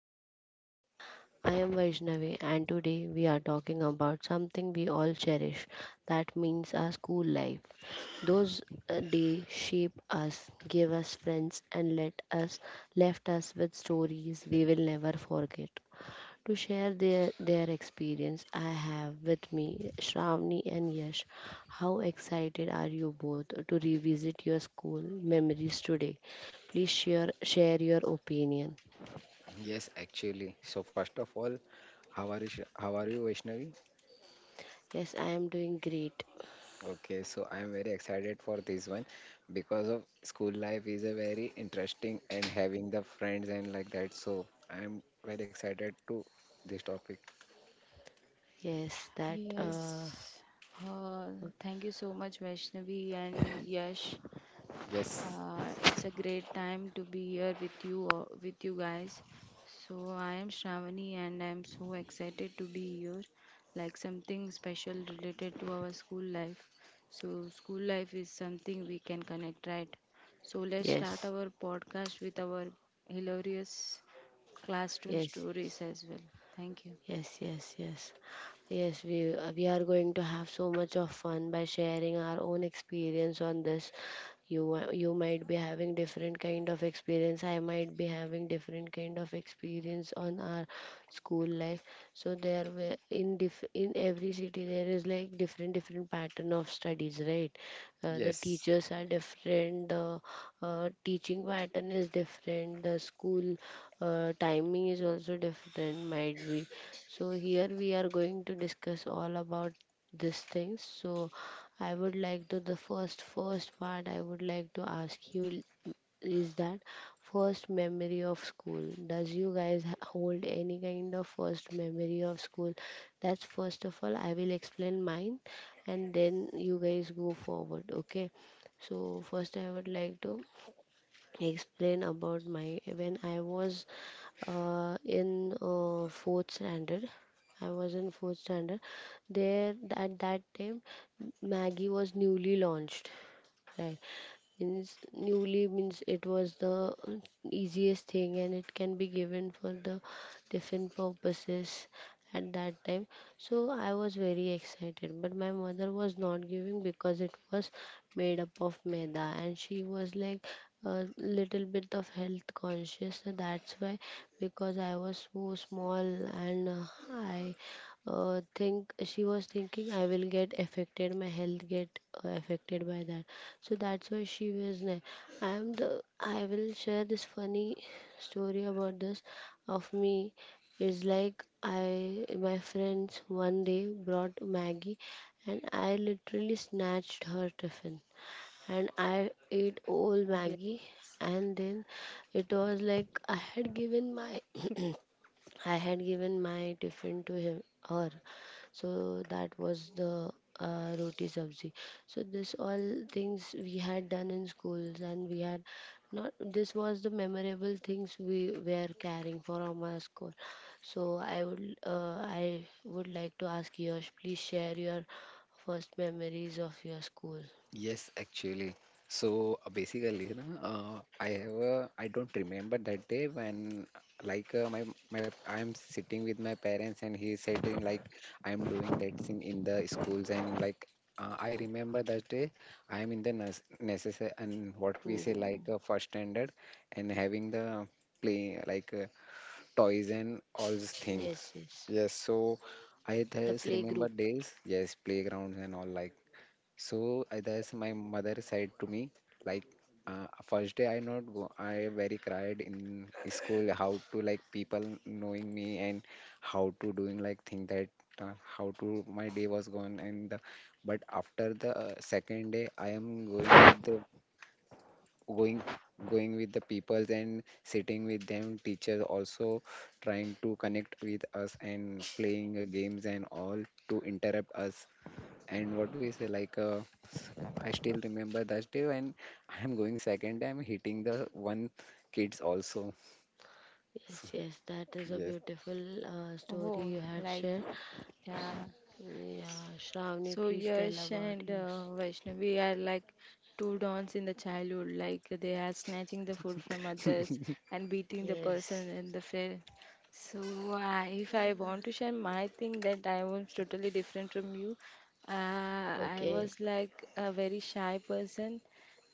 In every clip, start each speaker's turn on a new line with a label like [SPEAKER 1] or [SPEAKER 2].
[SPEAKER 1] of podcast. I am Vaishnavi, and today we are talking about something we all cherish. That means our school life. Those days shape us, give us friends and let us left us with stories we will never forget to share their experience. I have with me Shravani and Yash. How excited are you both to revisit your school memories today? Please share your opinion.
[SPEAKER 2] Yes, actually. So first of all, how are you? How are you, Vaishnavi?
[SPEAKER 1] Yes, I am doing great.
[SPEAKER 2] Okay, so I am very excited for this one because of school life is a very interesting and having the friends and like that. So I am very excited to this topic.
[SPEAKER 1] Yes, that,
[SPEAKER 2] Yes,
[SPEAKER 1] uh,
[SPEAKER 3] Yes. Uh, Thank you so much, Vaishnavi and Yash.
[SPEAKER 2] yes,
[SPEAKER 3] It's a great time to be here with you guys. So I am Shravani, and I'm so excited to be here. Like something special related to our school life. So school life is something we can connect, right? So let's start
[SPEAKER 1] yes,
[SPEAKER 3] our podcast with our hilarious classroom
[SPEAKER 1] yes,
[SPEAKER 3] stories
[SPEAKER 1] yes.
[SPEAKER 3] as well. Thank you.
[SPEAKER 1] Yes. Yes, we are going to have so much of fun by sharing our own experience on this. You might be having different kind of experience. I might be having different kind of experience on our school life. So there were in diff in every city there is like different different pattern of studies, right? The
[SPEAKER 2] yes.
[SPEAKER 1] teachers are different. The teaching pattern is different. The school timing is also different. Might be so here we are going to discuss all about these things. So I would like to the first part I would like to ask you is that first memory of school. Does you guys h- hold any kind of first memory of school? That's first of all I will explain mine, and then you guys go forward. Okay. So first I would like to explain about my when I was in fourth standard. I was in fourth standard. There at that time, Maggie was newly launched. Right, means newly means it was the easiest thing, and it can be given for the different purposes at that time, so I was very excited, but my mother was not giving because it was made up of maida, and she was like a little bit of health conscious, so that's why, because I was so small, and I think she was thinking I will get affected my health get affected by that. So that's why she was like I am the I will share this funny story about this of me. It's like I my friends one day brought Maggie and I literally snatched her tiffin and I ate all Maggie, and then it was like I had given my I had given my tiffin to him her. So that was the roti sabzi. So this all things we had done in schools, and we had not this was the memorable things we were carrying for our school. So I would I would like to ask Yash, please share your first memories of your school.
[SPEAKER 2] Yes, actually. So basically, na, I have I don't remember that day when like my I am sitting with my parents and he said in, like I am doing that thing in the schools and like I remember that day I am in the nes necessary and what we say like
[SPEAKER 1] Mm.
[SPEAKER 2] first standard and having the play like toys and all these
[SPEAKER 1] Yes,
[SPEAKER 2] things.
[SPEAKER 1] yes.
[SPEAKER 2] Yes, so I
[SPEAKER 1] The
[SPEAKER 2] just
[SPEAKER 1] playgroup.
[SPEAKER 2] remember days. Yes, playgrounds and all like so that's my mother said to me, like, first day I not go, I very cried in school how to like people knowing me and how to doing like thing that how to my day was gone and the, but after the second day I am going with the going going with the peoples and sitting with them teachers also trying to connect with us and playing games and all to interrupt us and what we say like I still remember that day when I am going second I am hitting the one kids also. So,
[SPEAKER 1] Yes, yes, that is a
[SPEAKER 2] yes,
[SPEAKER 1] beautiful story
[SPEAKER 3] Oh,
[SPEAKER 1] you had
[SPEAKER 3] like
[SPEAKER 1] shared.
[SPEAKER 3] yeah,
[SPEAKER 1] Yeah, Shravani,
[SPEAKER 3] So
[SPEAKER 1] please tell
[SPEAKER 3] Yash
[SPEAKER 1] about
[SPEAKER 3] and
[SPEAKER 1] yours.
[SPEAKER 3] Vaishnavi are like two dons in the childhood. Like they are snatching the food from others and beating the
[SPEAKER 1] Yes.
[SPEAKER 3] person and the friend. So I, if I want to share my thing, that I was totally different from you. I
[SPEAKER 1] Okay.
[SPEAKER 3] was like a very shy person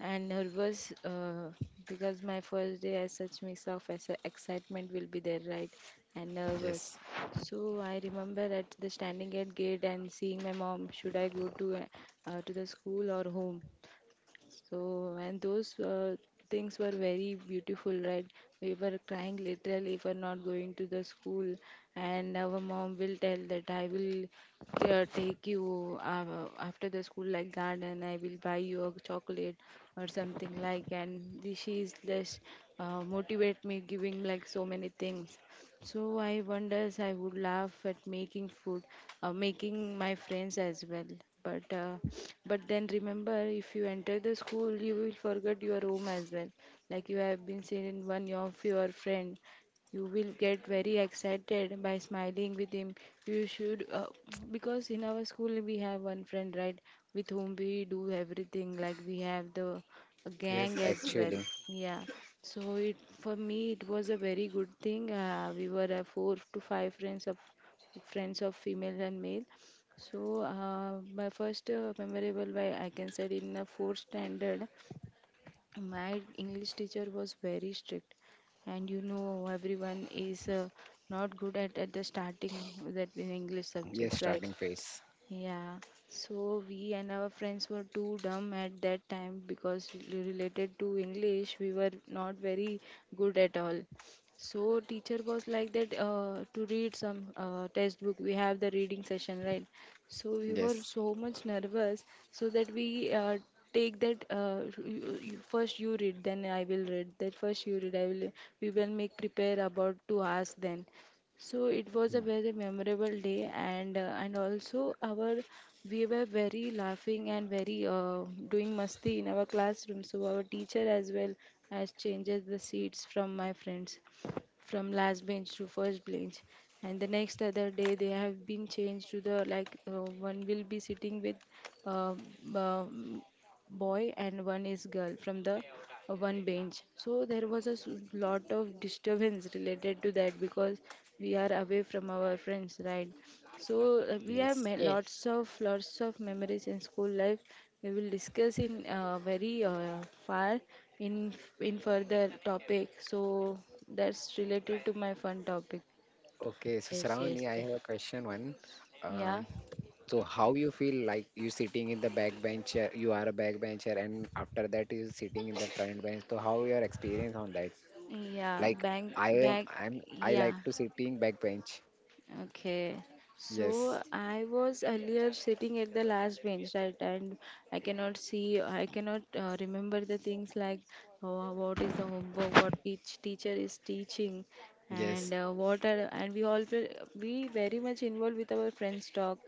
[SPEAKER 3] and nervous, because my first day as such mix of excitement will be there, right? And nervous,
[SPEAKER 2] yes,
[SPEAKER 3] so I remember at the standing at gate and seeing my mom, should I go to the school or home? So, and those things were very beautiful, right? We were crying literally for not going to the school, and our mom will tell that I will take you after the school like garden, I will buy you a chocolate or something like, and she is less, motivate me giving like so many things. So I wonders I would laugh at making food, making my friends as well. But uh, but then remember, if you enter the school, you will forget your home as well. Like you have been seen in one of your friend, you will get very excited by smiling with him. You should, because in our school we have one friend, right, with whom we do everything. Like we have the
[SPEAKER 2] yes,
[SPEAKER 3] gang as well.
[SPEAKER 2] actually,
[SPEAKER 3] Yeah. So it for me it was a very good thing. We were four to five friends of female and male. So, my first memorable way I can say in the fourth standard, my English teacher was very strict, and you know everyone is not good at the starting that in English
[SPEAKER 2] yes,
[SPEAKER 3] subject, right?
[SPEAKER 2] starting phase.
[SPEAKER 3] Yeah, so we and our friends were too dumb at that time because related to English, we were not very good at all. So teacher was like that, to read some textbook. We have the reading session, right? So we were
[SPEAKER 2] Yes,
[SPEAKER 3] so much nervous, so that we, take that, you, you, first you read, then I will read. That first you read, I will. We will make prepare about 2 hours then. So it was a
[SPEAKER 2] mm,
[SPEAKER 3] very memorable day, and also our, we were very laughing and very, doing masti in our classroom. So our teacher as well has changed the seats from my friends from last bench to first bench, and the next other day they have been changed to the, like one will be sitting with uh, um, boy and one is girl from the one bench. So there was a lot of disturbance related to that because we are away from our friends, right? So we have
[SPEAKER 2] yes.
[SPEAKER 1] Yes.
[SPEAKER 3] lots of memories in school life. We will discuss in very far in in further topic. So that's related to my fun topic.
[SPEAKER 2] Okay, so
[SPEAKER 1] Yes, yes.
[SPEAKER 2] Shravani, I
[SPEAKER 1] th-
[SPEAKER 2] have a question one.
[SPEAKER 3] Yeah,
[SPEAKER 2] Um, so how you feel like you sitting in the back bencher, you are a back bencher, and after that you sitting in the front bench. So how your experience on that?
[SPEAKER 3] yeah,
[SPEAKER 2] Like
[SPEAKER 3] bank,
[SPEAKER 2] I am,
[SPEAKER 3] bank,
[SPEAKER 2] I
[SPEAKER 3] yeah,
[SPEAKER 2] like to sitting back bench.
[SPEAKER 3] Okay. So
[SPEAKER 2] Yes,
[SPEAKER 3] I was earlier sitting at the last bench, right? And I cannot see, I cannot remember the things like, what is the homework, what each teacher is teaching, and
[SPEAKER 2] yes,
[SPEAKER 3] what are, and we very much involved with our friends talk.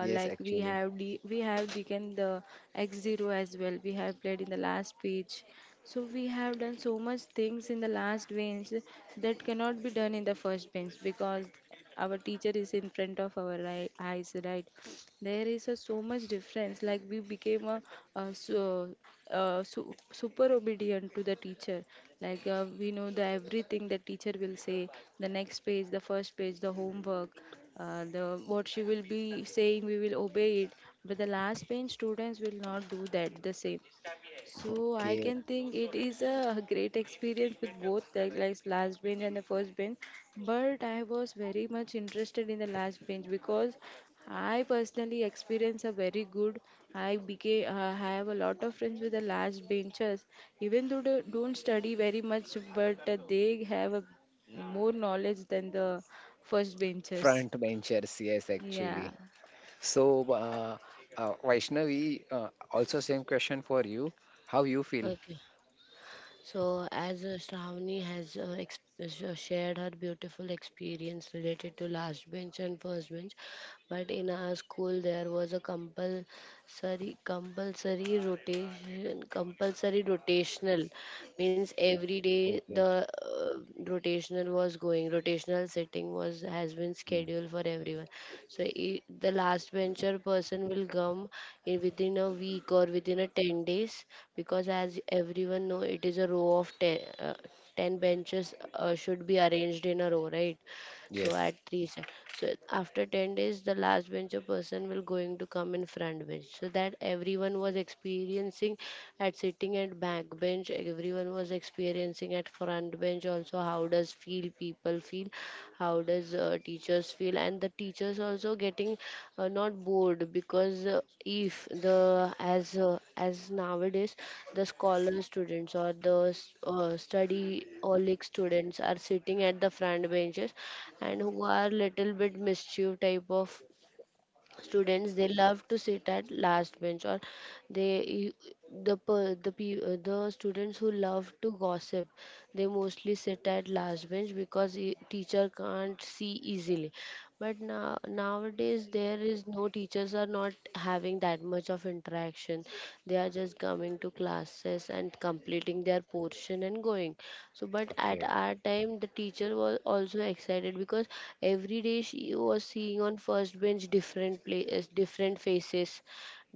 [SPEAKER 3] Like we
[SPEAKER 2] actually.
[SPEAKER 3] have D, we have taken the X zero as well. We have played in the last pitch, so we have done so much things in the last bench that cannot be done in the first bench because our teacher is in front of our eyes, right? There is a so much difference. Like we became a super obedient to the teacher. Like we know the everything the teacher will say, the next page, the first page, the homework, the what she will be saying we will obey it, but the last bench students will not do that the same. So I
[SPEAKER 2] Okay,
[SPEAKER 3] can think it is a great experience with both the like last bench and the first bench. But I was very much interested in the last bench because I personally experienced a very good. I became, I have a lot of friends with the last benchers, even though they don't study very much, but they have a more knowledge than the first benchers.
[SPEAKER 2] front benchers, yes,
[SPEAKER 3] Yeah.
[SPEAKER 2] actually. So, uh, Vaishnavi, also same question for you. How you feel?
[SPEAKER 1] Okay. So, as Shravani has shared her beautiful experience related to last bench and first bench, but in our school there was a compulsory rotation compulsory rotational means every day
[SPEAKER 2] Okay.
[SPEAKER 1] the rotational was going rotational sitting was has been scheduled for everyone. So I the last venture person will come in within a week or within a 10 days, because as everyone know it is a row of 10, 10 benches should be arranged in a row, right? So
[SPEAKER 2] Yes.
[SPEAKER 1] at three sec- so after 10 days the last bencher person will going to come in front bench, so that everyone was experiencing at sitting at back bench, everyone was experiencing at front bench also, how does feel people feel, how does teachers feel, and the teachers also getting not bored, because if the as nowadays the scholar students or the s- study holic students are sitting at the front benches, and who are little bit mischief type of students they love to sit at last bench, or they you- the per- the pe- the students who love to gossip they mostly sit at last bench because e- teacher can't see easily. But now nowadays there is no teachers are not having that much of interaction. They are just coming to classes and completing their portion and going. So but at
[SPEAKER 2] Okay.
[SPEAKER 1] our time the teacher was also excited because every day she was seeing on first bench different places different faces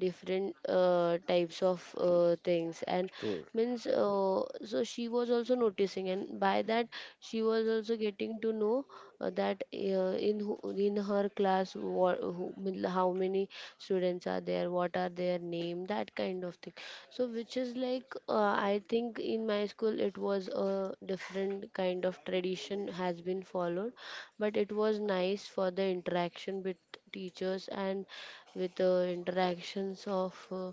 [SPEAKER 1] different types of things, and
[SPEAKER 2] True.
[SPEAKER 1] means so she was also noticing, and by that she was also getting to know that in who- in her class what, who, mean how many students are there, what are their name, that kind of thing. So which is like I think in my school it was a different kind of tradition has been followed, but it was nice for the interaction with teachers, and with the interactions of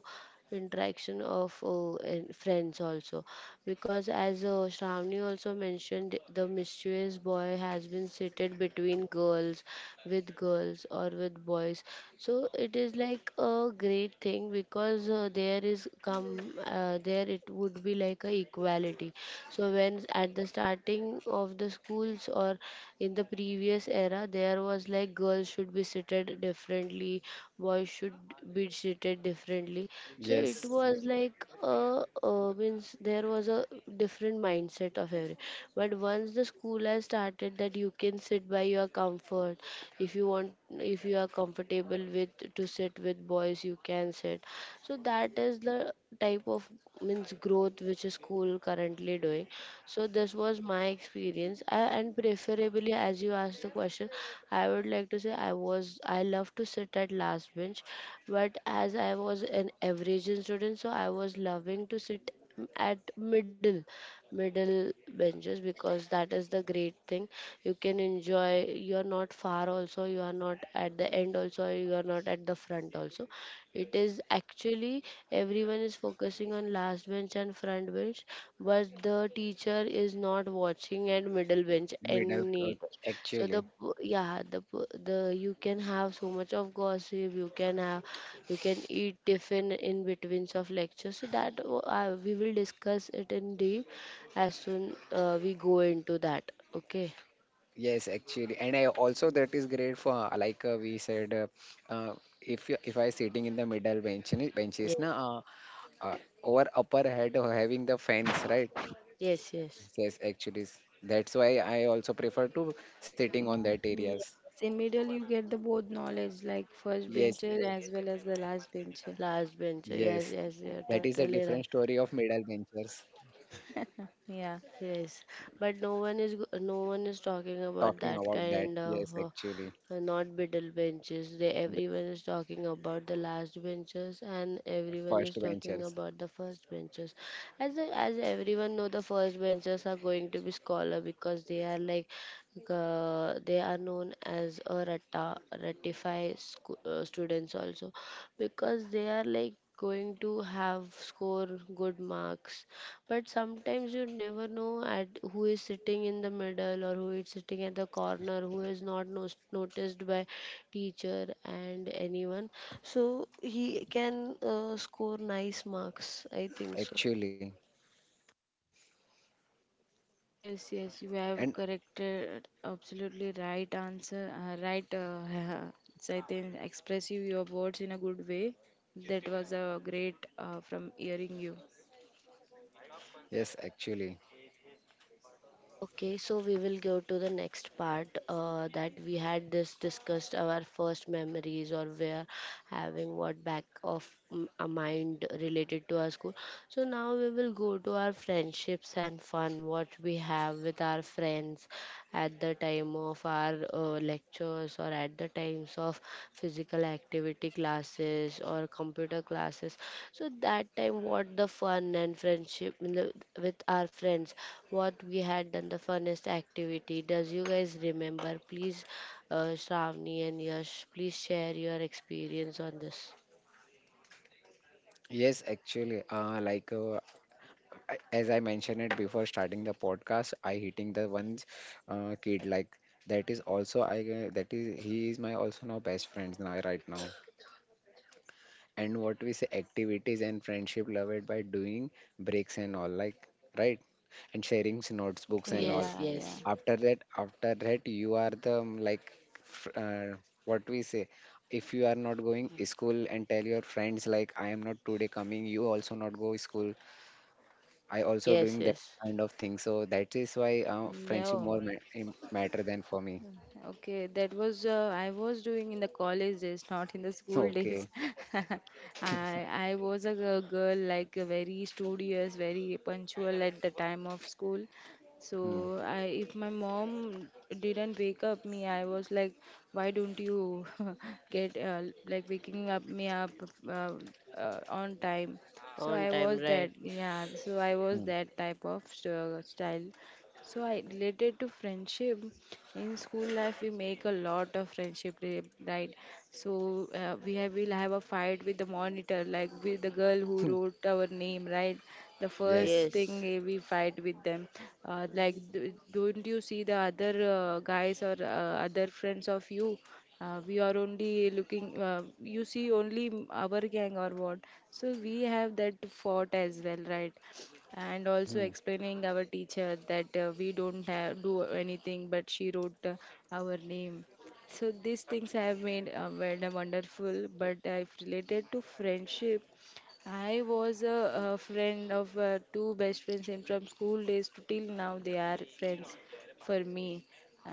[SPEAKER 1] interaction of and friends also, because as Shravani also mentioned the mischievous boy has been seated between girls with girls or with boys. So it is like a great thing because there is come there it would be like a equality. So when at the starting of the schools or in the previous era there was like girls should be seated differently, boys should be treated differently. So it
[SPEAKER 2] Yes.
[SPEAKER 1] was like means there was a different mindset of every. But once the school has started that you can sit by your comfort, if you want, if you are comfortable with to sit with boys you can sit. So that is the type of means growth which a school currently doing. So this was my experience, I, and preferably, as you asked the question, I would like to say I was I love to sit at last bench, but as I was an average student, so I was loving to sit m- at middle benches, because that is the great thing. You can enjoy, you are not far also, you are not at the end also, you are not at the front also. It is actually everyone is focusing on last bench and front bench, but the teacher is not watching at middle bench
[SPEAKER 2] Middle,
[SPEAKER 1] and need. So
[SPEAKER 2] actually.
[SPEAKER 1] the p- yeah the p- the you can have so much of gossip. You can have you can eat tiffin in between of lectures. So that w- we will discuss it in deep as soon we go into that. Okay.
[SPEAKER 2] Yes, actually. And I also that is great for like we said, uh, if you, if I sitting in the middle bench benches
[SPEAKER 1] Yes.
[SPEAKER 2] na, uh, over upper head having the fence, right?
[SPEAKER 1] Yes. Yes.
[SPEAKER 2] Yes, actually. That's why I also prefer to sitting on that
[SPEAKER 3] Mm,
[SPEAKER 2] areas.
[SPEAKER 3] yes, in middle you get the both knowledge like first
[SPEAKER 2] Yes,
[SPEAKER 3] bencher as well as the last bencher.
[SPEAKER 1] Last bench. Yes.
[SPEAKER 2] yes.
[SPEAKER 1] Yes. You're
[SPEAKER 2] That is a
[SPEAKER 1] totally right.
[SPEAKER 2] different story of middle ventures.
[SPEAKER 3] Yeah.
[SPEAKER 1] Yes, but no one is go- no one is talking about
[SPEAKER 2] Talking
[SPEAKER 1] that
[SPEAKER 2] about that,
[SPEAKER 1] kind of
[SPEAKER 2] yes, actually.
[SPEAKER 1] not middle benches. They
[SPEAKER 2] The
[SPEAKER 1] everyone is talking about the last benches, and everyone is
[SPEAKER 2] first
[SPEAKER 1] talking
[SPEAKER 2] ventures,
[SPEAKER 1] about the first benches. As a- as everyone know, the first benches are going to be scholar because they are like they are known as a rata ratify sco- students also, because they are like going to have score good marks. But sometimes you never know at who is sitting in the middle or who is sitting at the corner who is not nos- noticed by teacher and anyone, so he can score nice marks I think so.
[SPEAKER 2] actually.
[SPEAKER 3] Yes, yes,
[SPEAKER 2] And
[SPEAKER 3] you have corrected absolutely right answer, right, so I think expressive your words in a good way. That was a great from hearing you.
[SPEAKER 2] yes, actually.
[SPEAKER 1] Okay, so we will go to the next part that we had this discussed our first memories, or we're having what back of m- a mind related to our school. So now we will go to our friendships and fun what we have with our friends at the time of our lectures or at the times of physical activity classes or computer classes. So that time, what the fun and friendship in the- with our friends, what we had done, the funnest activity. Does you guys remember? Please, Shravani and Yash, please share your experience on this.
[SPEAKER 2] Yes, actually. Like as I mentioned it before starting the podcast, I hitting the one kid like that is also I that is he is my also now best friends now right now. And what we say activities and friendship loved by doing breaks and all like right and sharing notebooks and all
[SPEAKER 1] Yes,
[SPEAKER 3] Yeah, yeah.
[SPEAKER 1] yes.
[SPEAKER 2] after that you are the like f- uh, what we say if you are not going
[SPEAKER 1] Mm.
[SPEAKER 2] school and tell your friends like I am not today coming you also not go school I also
[SPEAKER 1] Yes,
[SPEAKER 2] doing that
[SPEAKER 1] yes.
[SPEAKER 2] kind of thing so that is why friendship
[SPEAKER 3] Yeah.
[SPEAKER 2] more matter than for me.
[SPEAKER 3] Okay, that was I was doing in the college days, not in the school days.
[SPEAKER 2] Okay,
[SPEAKER 3] I was a girl like, very studious, very punctual at the time of school. So
[SPEAKER 2] hmm.
[SPEAKER 3] I, if my mom didn't wake up me, I was like, why don't you get, like waking up me up, uh, on time? So
[SPEAKER 1] On
[SPEAKER 3] I
[SPEAKER 1] time,
[SPEAKER 3] was
[SPEAKER 1] right?
[SPEAKER 3] that, yeah. So I was
[SPEAKER 2] Hmm.
[SPEAKER 3] that type of style. So I, related to friendship in school life. We make a lot of friendship, right? So we have we'll have a fight with the monitor, like with the girl who wrote our name, right? The first
[SPEAKER 2] Yes,
[SPEAKER 3] thing,
[SPEAKER 1] Yes,
[SPEAKER 3] eh, we fight with them, like, don't you see the other, guys or other friends of you? We are only looking. You see only our gang or what? So we have that fought as well, right? And also
[SPEAKER 2] hmm.
[SPEAKER 3] explaining our teacher that we don't have do anything, but she wrote, our name. So these things have made made a wonderful, but I've related to friendship, I was a friend of two best friends, and from school days to till now they are friends for me.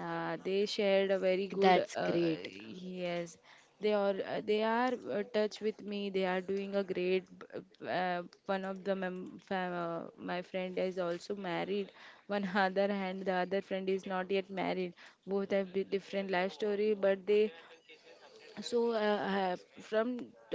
[SPEAKER 3] They shared a very good,
[SPEAKER 1] that's great.
[SPEAKER 3] yes, they are, they are touch with me, they are doing a great one of the my friend is also married, one, other hand the other friend is not yet married. Both have different life story, but they, so, from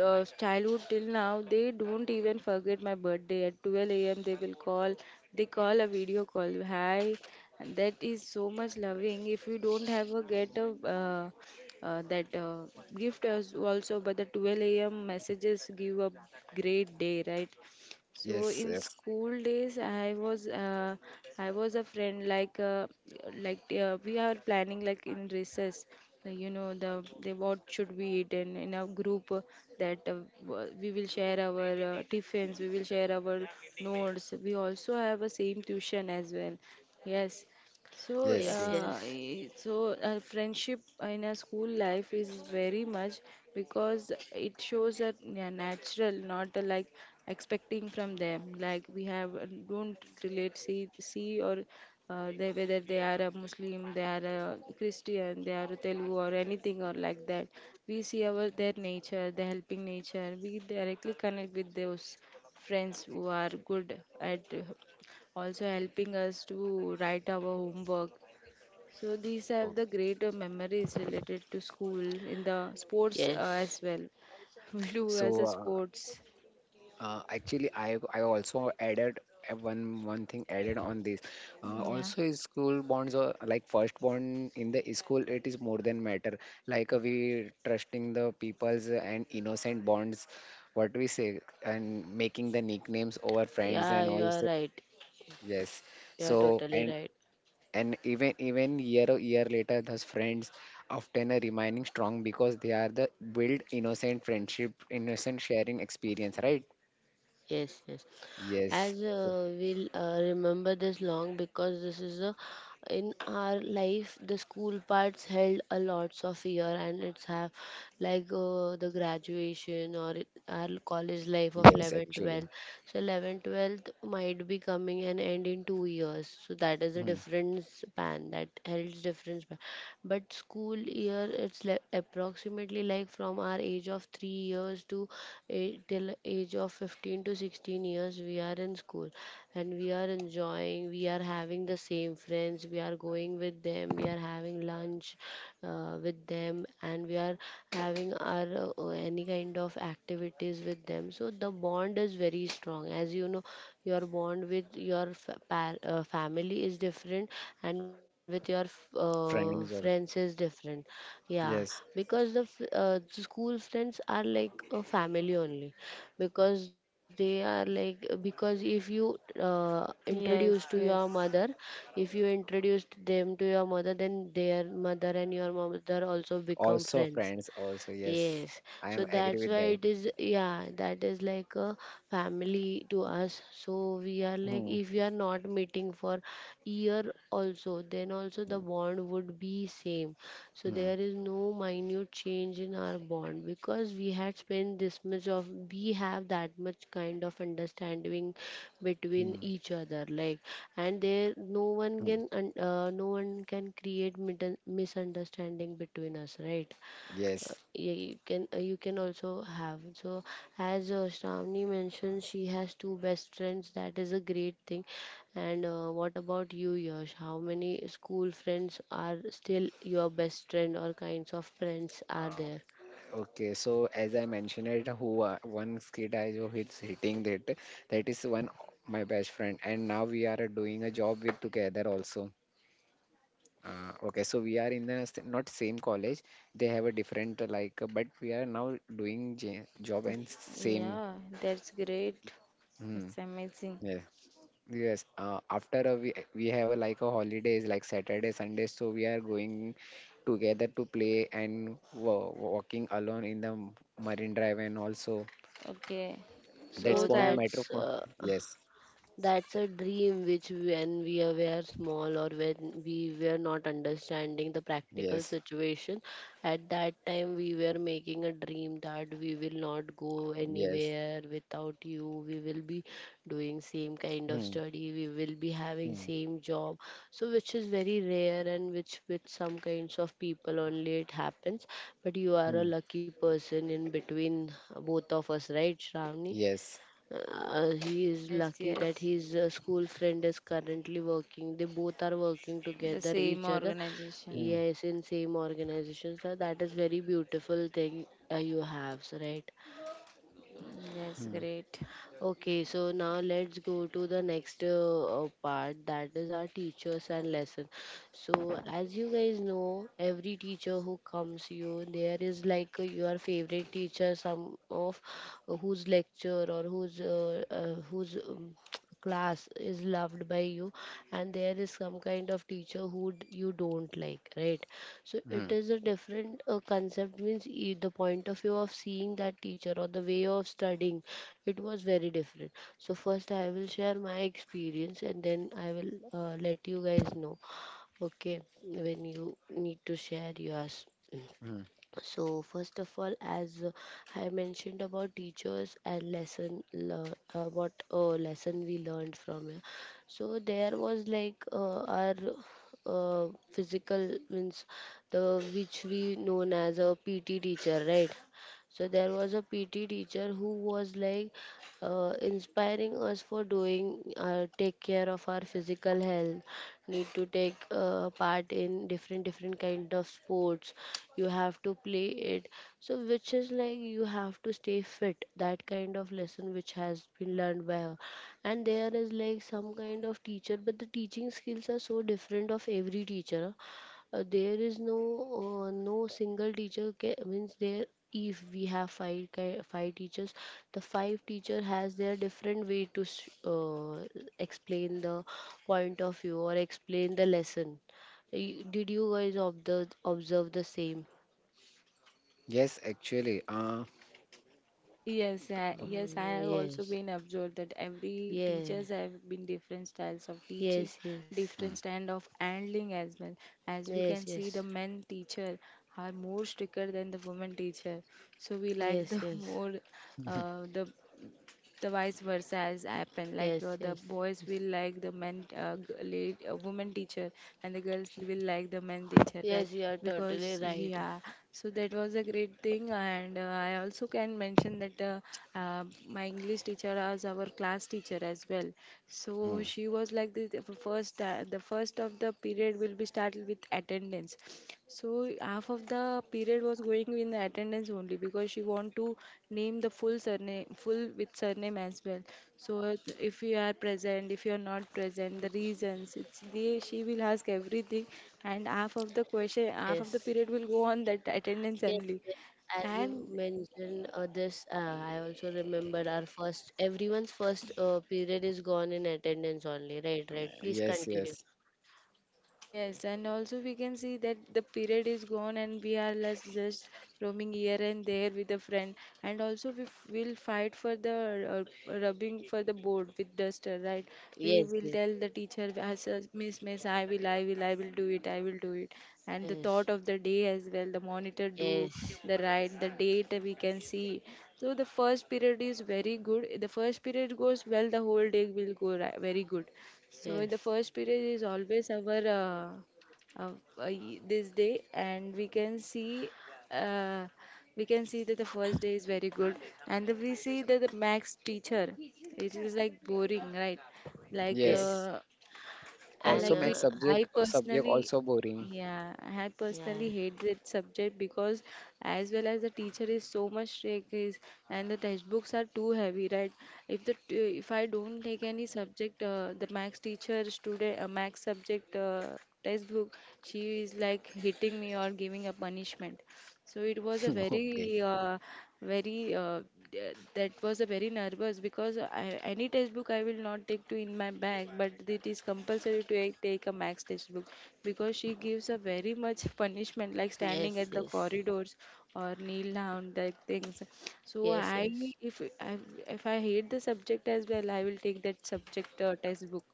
[SPEAKER 3] childhood till now, they don't even forget my birthday. At 12 a.m., they will call. They call a video call. Hi, and that is so much loving. If you don't have a get a, that, gift as also, but the 12 a.m. messages give a great day, right? So
[SPEAKER 2] Yes,
[SPEAKER 3] in
[SPEAKER 2] yes,
[SPEAKER 3] school days, I was, I was a friend like, like, we are planning like in recess, like, you know the what should we eat, and in a group, that, we will share our, tiffins, we will share our notes. We also have a same tuition as well. Yes, so,
[SPEAKER 2] yes,
[SPEAKER 1] Yes,
[SPEAKER 2] yes,
[SPEAKER 1] yes,
[SPEAKER 3] so, friendship in a school life is very much, because it shows that, yeah, natural, not, like expecting from them. Like we have, don't relate see see or, they, whether they are a Muslim, they are a Christian, they are a Telugu or anything or like that. We see our their nature, the helping nature. We directly connect with those friends who are good at, also helping us to write our homework. So these are the
[SPEAKER 2] okay.
[SPEAKER 3] great memories related to school in the sports, as
[SPEAKER 1] yes.
[SPEAKER 3] well. We do as
[SPEAKER 2] So
[SPEAKER 3] a sports.
[SPEAKER 2] Actually, I also added one thing added on this.
[SPEAKER 3] Yeah.
[SPEAKER 2] Also, is school bonds are like first bond in the school. It is more than matter. Like we trusting the people's and innocent bonds. What we say and making the nicknames over friends
[SPEAKER 1] Yeah,
[SPEAKER 2] and
[SPEAKER 1] you
[SPEAKER 2] all.
[SPEAKER 1] are right.
[SPEAKER 2] Yes.
[SPEAKER 1] You are
[SPEAKER 2] So
[SPEAKER 1] totally right.
[SPEAKER 2] and even even year or year later, those friends often are remaining strong because they are the build innocent friendship, innocent sharing experience, right?
[SPEAKER 1] Yes, yes.
[SPEAKER 2] Yes.
[SPEAKER 1] As we'll remember this long, because this is a in our life the school parts held a lots of year, and it's have like the graduation, or it, our college life of
[SPEAKER 2] Yes,
[SPEAKER 1] 11
[SPEAKER 2] actually.
[SPEAKER 1] 12. So 11 12th might be coming and end in 2 years, so that is a
[SPEAKER 2] Mhm.
[SPEAKER 1] different span that holds different span. But school year it's like approximately like from our age of 3 years to a, till age of 15 to 16 years, we are in school, and we are enjoying, we are having the same friends, we are going with them, we are having lunch with them, and we are having our any kind of activities with them. So the bond is very strong. As you know, your bond with your fa- par- family is different, and with your f-
[SPEAKER 2] Friends
[SPEAKER 1] friends
[SPEAKER 2] or
[SPEAKER 1] is different. Yeah,
[SPEAKER 2] yes,
[SPEAKER 1] because the school friends are like a family only, because they are like, because if you introduce to
[SPEAKER 3] Yes,
[SPEAKER 1] your
[SPEAKER 3] yes.
[SPEAKER 1] mother, if you introduced them to your mother, then their mother and your mother also become
[SPEAKER 2] also
[SPEAKER 1] friends.
[SPEAKER 2] friends also yes.
[SPEAKER 1] Yes,
[SPEAKER 2] I
[SPEAKER 1] so
[SPEAKER 2] am agree
[SPEAKER 1] that's
[SPEAKER 2] with
[SPEAKER 1] why
[SPEAKER 2] that.
[SPEAKER 1] it is, yeah, that is like a family to us. So we are like,
[SPEAKER 2] Mhm.
[SPEAKER 1] if we are not meeting for year also, then also the
[SPEAKER 2] Mhm.
[SPEAKER 1] bond would be same. So
[SPEAKER 2] Mhm.
[SPEAKER 1] there is no minute change in our bond, because we had spent this much of, we have that much kind of understanding
[SPEAKER 2] Mhm.
[SPEAKER 1] between each other, like, and there no
[SPEAKER 2] Mhm.
[SPEAKER 1] one can, no one can create misunderstanding between us, right?
[SPEAKER 2] Yes.
[SPEAKER 1] Yeah, you can also have. So as Shravani mentioned, she has two best friends, that is a great thing. And what about you, Yash? How many school friends are still your best friend, or kinds of friends are
[SPEAKER 2] Uh,
[SPEAKER 1] there?
[SPEAKER 2] okay. So as I mentioned it, who are, one kid I who is hitting that that is one my best friend, and now we are doing a job with together also. Okay, so we are in the not same college. They have a different like, but we are now doing j job and same.
[SPEAKER 3] Yeah, that's great.
[SPEAKER 2] Hmm.
[SPEAKER 3] It's amazing.
[SPEAKER 2] Yes. Yes, after a, we have a like a holidays like Saturday, Sunday, so we are going together to play and walking alone in the Marine Drive and also
[SPEAKER 3] Okay.
[SPEAKER 2] that's
[SPEAKER 1] So
[SPEAKER 3] Both I
[SPEAKER 2] one
[SPEAKER 3] would.
[SPEAKER 2] matter for yes,
[SPEAKER 1] that's a dream, which when we were small, or when we were not understanding the practical
[SPEAKER 2] yes,
[SPEAKER 1] situation, at that time we were making a dream that we will not go
[SPEAKER 2] yes,
[SPEAKER 1] anywhere without you. We will be doing same kind of
[SPEAKER 2] hmm,
[SPEAKER 1] study. We will be having
[SPEAKER 2] hmm,
[SPEAKER 1] same job. So which is very rare, and which with some kinds of people only it happens. But you are a
[SPEAKER 2] hmm,
[SPEAKER 1] lucky person in between both of us, right, Shravani?
[SPEAKER 2] yes,
[SPEAKER 1] He is
[SPEAKER 3] Yes,
[SPEAKER 1] lucky that
[SPEAKER 3] yes.
[SPEAKER 1] his school friend is currently working. They both are working
[SPEAKER 3] The
[SPEAKER 1] together,
[SPEAKER 3] same
[SPEAKER 1] each other.
[SPEAKER 3] organization.
[SPEAKER 2] hmm,
[SPEAKER 1] Yes, in same organization. So that is very beautiful thing you have, so right?
[SPEAKER 3] That's
[SPEAKER 2] hmm,
[SPEAKER 3] great.
[SPEAKER 1] Okay, so now let's go to the next part. That is our teachers and lesson. So as you guys know, every teacher who comes you, there is like your favorite teacher, some of whose lecture, or whose class is loved by you, and there is some kind of teacher who you don't like, right? So it
[SPEAKER 2] hmm,
[SPEAKER 1] is a different concept, means, the point of view of seeing that teacher, or the way of studying, it was very different. So first I will share my experience, and then I will let you guys know okay when you need to share yours.
[SPEAKER 2] hmm.
[SPEAKER 1] So first of all, as I mentioned about teachers and lesson, what lesson we learned from it. So there was like our physical means, the which we known as a PT teacher, right? So there was a PT teacher who was like inspiring us for doing take care of our physical health, need to take part in different kind of sports, you have to play it, so which is like you have to stay fit, that kind of lesson which has been learned by her. And there is like some kind of teacher, but the teaching skills are so different of every teacher. There is no single teacher means there, if we have five teachers, the five teacher has their different way to explain the point of view, or explain the lesson. Did you guys observe the same?
[SPEAKER 2] Yes, actually,
[SPEAKER 3] Yes, I
[SPEAKER 1] Mm.
[SPEAKER 3] have also
[SPEAKER 1] Yes.
[SPEAKER 3] been observed that every
[SPEAKER 1] Yeah.
[SPEAKER 3] teachers have been different styles of teaching,
[SPEAKER 1] Yes, yes,
[SPEAKER 2] hmm,
[SPEAKER 3] different stand of handling as well. As we
[SPEAKER 1] yes,
[SPEAKER 3] can see,
[SPEAKER 1] yes,
[SPEAKER 3] the men teacher are more stricter than the women teacher. So we like
[SPEAKER 1] yes,
[SPEAKER 3] the
[SPEAKER 1] yes,
[SPEAKER 3] more, uh, the the vice versa has happened, like,
[SPEAKER 1] yes,
[SPEAKER 3] the
[SPEAKER 1] yes,
[SPEAKER 3] boys
[SPEAKER 1] yes.
[SPEAKER 3] will like the men, woman teacher, and the girls will like the men teacher, right?
[SPEAKER 1] Yes, you are totally
[SPEAKER 3] Because
[SPEAKER 1] right.
[SPEAKER 3] yeah, so that was a great thing. And I also can mention that, my English teacher was our class teacher as well. So
[SPEAKER 2] hmm.
[SPEAKER 3] she was like the first, the first of the period will be started with attendance. So half of the period was going in the attendance only because she want to name the full surname, full with surname as well. So if you are present, if you are not present, the reasons it's the she will ask everything, and half of the question, half of the
[SPEAKER 1] Yes,
[SPEAKER 3] period will go on that attendance
[SPEAKER 1] yes.
[SPEAKER 3] only.
[SPEAKER 1] Yes. As
[SPEAKER 3] And
[SPEAKER 1] you mentioned, this, I also remember our first, everyone's first period is gone in attendance only. Right, right. Please
[SPEAKER 2] Yes,
[SPEAKER 1] continue.
[SPEAKER 2] yes,
[SPEAKER 3] Yes, and also we can see that the period is gone and we are less just roaming here and there with a friend. And also we will fight for the rubbing for the board with duster, right? We
[SPEAKER 1] Yes,
[SPEAKER 3] will
[SPEAKER 1] yes,
[SPEAKER 3] tell the teacher, as, a miss, miss, I will, I will, I will do it, I will do it. And the
[SPEAKER 1] yes,
[SPEAKER 3] thought of the day as well, the monitor do
[SPEAKER 1] yes,
[SPEAKER 3] the date we can see. So the first period is very good. The first period goes well, the whole day will go ri very good. So in the
[SPEAKER 1] yes,
[SPEAKER 3] first period is always our this day, and uh, we can see that the first day is very good, and then we see that the max teacher it is like boring, right? Like
[SPEAKER 2] yes.
[SPEAKER 1] yes.
[SPEAKER 3] and
[SPEAKER 1] And
[SPEAKER 2] Also,
[SPEAKER 3] like we
[SPEAKER 2] make
[SPEAKER 3] i
[SPEAKER 2] subject subject
[SPEAKER 3] personally
[SPEAKER 2] also boring.
[SPEAKER 3] yeah i
[SPEAKER 1] yeah,
[SPEAKER 3] personally hate that subject, because as well as the teacher is so much strict is, and the textbooks are too heavy, right? If the t- if I don't take any subject, the max teacher student, max subject textbook, she is like hitting me or giving a punishment. So it was a
[SPEAKER 2] Okay,
[SPEAKER 3] very, very, th- that was a very nervous because any textbook I will not take to in my bag, but it is compulsory to take a max textbook, because she gives a very much punishment like standing
[SPEAKER 1] yes,
[SPEAKER 3] at the
[SPEAKER 1] yes,
[SPEAKER 3] corridors or kneel down, like things. So
[SPEAKER 1] yes,
[SPEAKER 3] I,
[SPEAKER 1] yes.
[SPEAKER 3] if I, if I hate the subject as well, I will take that subject textbook.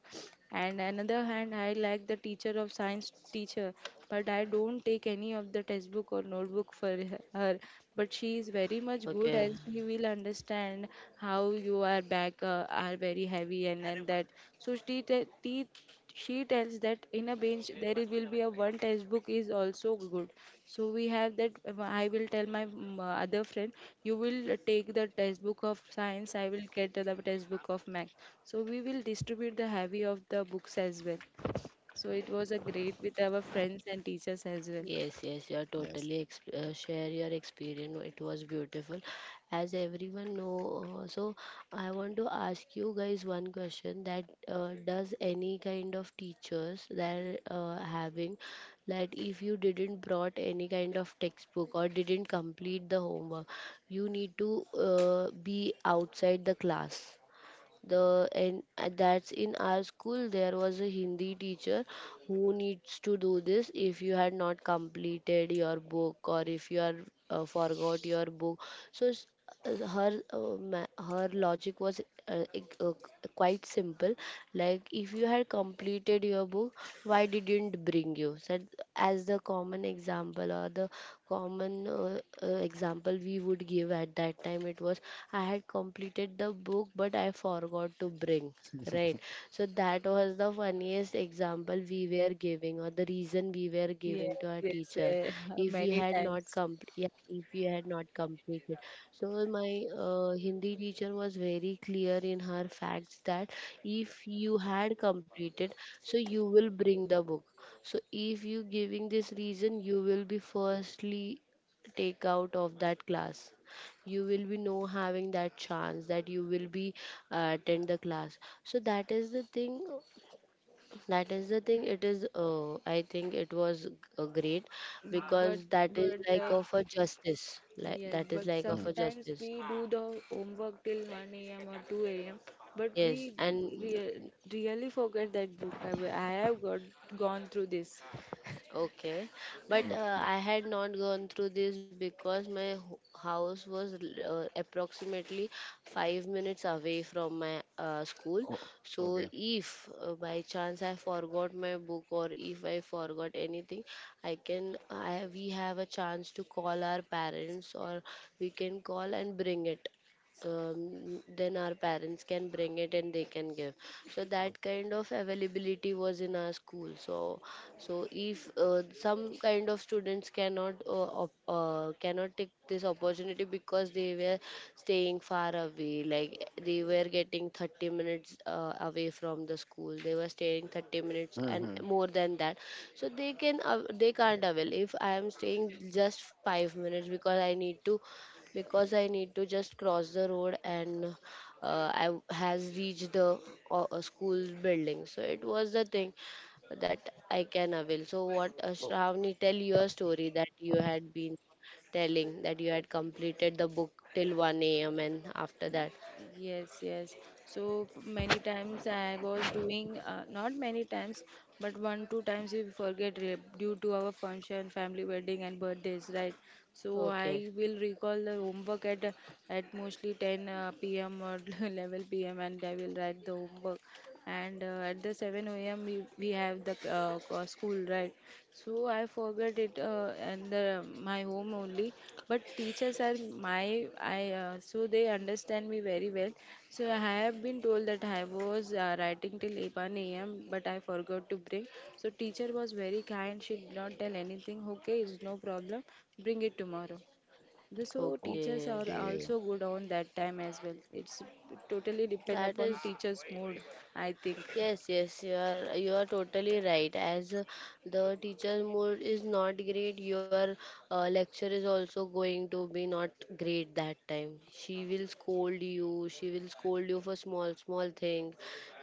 [SPEAKER 3] And another hand, I like the teacher of science teacher, but I don't take any of the textbook or notebook for her. But she is very much
[SPEAKER 1] Okay.
[SPEAKER 3] good, and she will understand how you are back, are very heavy, and that, so she te- teach she tells that in a bench there will be a one textbook is also good. So we have that, I will tell my other friend, you will, take the textbook of science, I will get the textbook of math, so we will distribute the heavy of the books as well. So it was a great with our friends and teachers as well.
[SPEAKER 1] Yes, yes, you are
[SPEAKER 2] yes.
[SPEAKER 1] totally share your experience. It was beautiful, as everyone know. So I want to ask you guys one question: that does any kind of teachers that having, that if you didn't brought any kind of textbook or didn't complete the homework, you need to be outside the class. The and That's in our school, there was a Hindi teacher who needs to do this if you had not completed your book, or if you are forgot your book. So her logic was uh, ex- uh, quite simple. Like, if you had completed your book, why didn't bring, you said, as the common example, or the common example we would give at that time, it was, I had completed the book, but I forgot to bring, right? So that was the funniest example we were giving, or the reason we were giving
[SPEAKER 3] Yes,
[SPEAKER 1] to our
[SPEAKER 3] yes,
[SPEAKER 1] teacher, if we
[SPEAKER 3] many
[SPEAKER 1] had
[SPEAKER 3] times.
[SPEAKER 1] not complete, yeah, if we had not completed. So my Hindi teacher was very clear in her facts that if you had completed, so you will bring the book. So if you giving this reason, you will be firstly take out of that class, you will be no having that chance that you will be attend the class. So that is the thing, it is, I think it was great,
[SPEAKER 3] But
[SPEAKER 1] because that is
[SPEAKER 3] but
[SPEAKER 1] like of a justice, like
[SPEAKER 3] Yes,
[SPEAKER 1] that is
[SPEAKER 3] but
[SPEAKER 1] like
[SPEAKER 2] Hmm.
[SPEAKER 1] of a
[SPEAKER 3] sometimes
[SPEAKER 1] justice
[SPEAKER 3] we do the homework till 1 a.m. or 2 a.m. But we
[SPEAKER 1] Yes, and
[SPEAKER 3] re- really forget that book. I have got gone through this.
[SPEAKER 1] okay, but
[SPEAKER 2] Okay.
[SPEAKER 1] I had not gone through this, because my house was approximately 5 minutes away from my school.
[SPEAKER 2] Oh,
[SPEAKER 1] So,
[SPEAKER 2] okay.
[SPEAKER 1] if by chance I forgot my book, or if I forgot anything, I can I we have a chance to call our parents, or we can call and bring it. Then our parents can bring it and they can give. So that kind of availability was in our school. So if some kind of students cannot take this opportunity, because they were staying far away, like they were getting 30 minutes away from the school, they were staying 30 minutes and
[SPEAKER 2] Mm-hmm.
[SPEAKER 1] more than that. So they can't avail. If I am staying just 5 minutes, because I need to just cross the road, and I has reached the school building. So it was the thing that I can avail. So, what
[SPEAKER 2] Oh,
[SPEAKER 1] Shravani, tell your story that you had been telling that you had completed the book till 1 a.m. and after that.
[SPEAKER 3] Yes, yes. So many times I was doing, not many times, but one, two times we forget due to our function, family wedding, and birthdays, right? So
[SPEAKER 1] Okay,
[SPEAKER 3] I will recall the homework at mostly 10 p.m. or 11 p.m., and I will write the homework, and at the 7 a.m., we have the school, right. So I forget it, and my home only. But teachers are my I, so they understand me very well. So I have been told that I was writing till 11 a.m., but I forgot to bring. So teacher was very kind. She did not tell anything. Okay, it's no problem. Bring it tomorrow. The So teachers
[SPEAKER 1] okay,
[SPEAKER 3] are
[SPEAKER 2] okay.
[SPEAKER 3] also good on that time as well. It's totally depend
[SPEAKER 1] that
[SPEAKER 3] upon
[SPEAKER 1] is
[SPEAKER 3] teacher's mood, I think.
[SPEAKER 1] yes, yes, you are totally right. As the teacher's mood is not great, your lecture is also going to be not great that time. She will scold you. She will scold you for small small thing.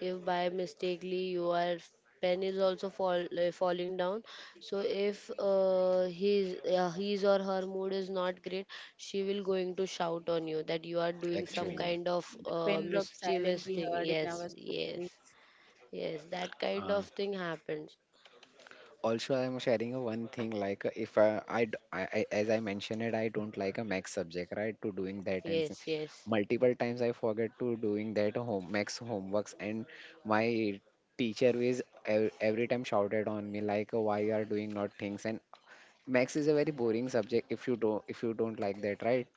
[SPEAKER 1] If by mistakenly your pen is also falling down, so if his or her mood is not great, she will going to shout on you that you are doing some
[SPEAKER 3] Yeah.
[SPEAKER 2] Actually,
[SPEAKER 1] kind of
[SPEAKER 3] The pen drop silent
[SPEAKER 1] mischievous
[SPEAKER 3] we
[SPEAKER 1] thing.
[SPEAKER 3] heard in
[SPEAKER 1] Yes,
[SPEAKER 3] our school
[SPEAKER 1] yes.
[SPEAKER 3] days.
[SPEAKER 1] Yes, that kind
[SPEAKER 2] uh,
[SPEAKER 1] of thing happens.
[SPEAKER 2] also I'm sharing a one thing like if I, I, d- I- as I mentioned it, I don't like a max subject, right? To doing that and
[SPEAKER 1] Yes, yes,
[SPEAKER 2] multiple times I forget to doing that home max homeworks and my teacher is every time shouted on me like why you are doing not things and max is a very boring subject if you don't like that, right?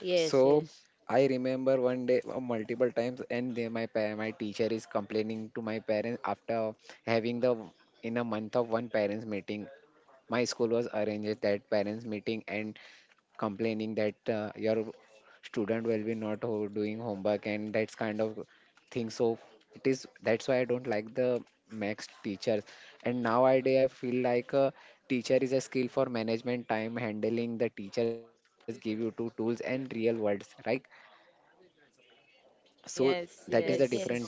[SPEAKER 1] yes,
[SPEAKER 2] So
[SPEAKER 1] yes,
[SPEAKER 2] I remember one day multiple times, and then my my teacher is complaining to my parents after having the in a month of one parents meeting. My school was arranged that parents meeting and complaining that your student will be not doing homework and that's kind of thing. So it is that's why I don't like the max teachers. And nowadays I feel like a teacher is a skill for management time handling. The teachers give you two tools and real words, right? So
[SPEAKER 3] Mm,
[SPEAKER 2] that is
[SPEAKER 1] yes,
[SPEAKER 3] yes,
[SPEAKER 2] the different
[SPEAKER 1] yes,
[SPEAKER 3] yes.
[SPEAKER 2] thing.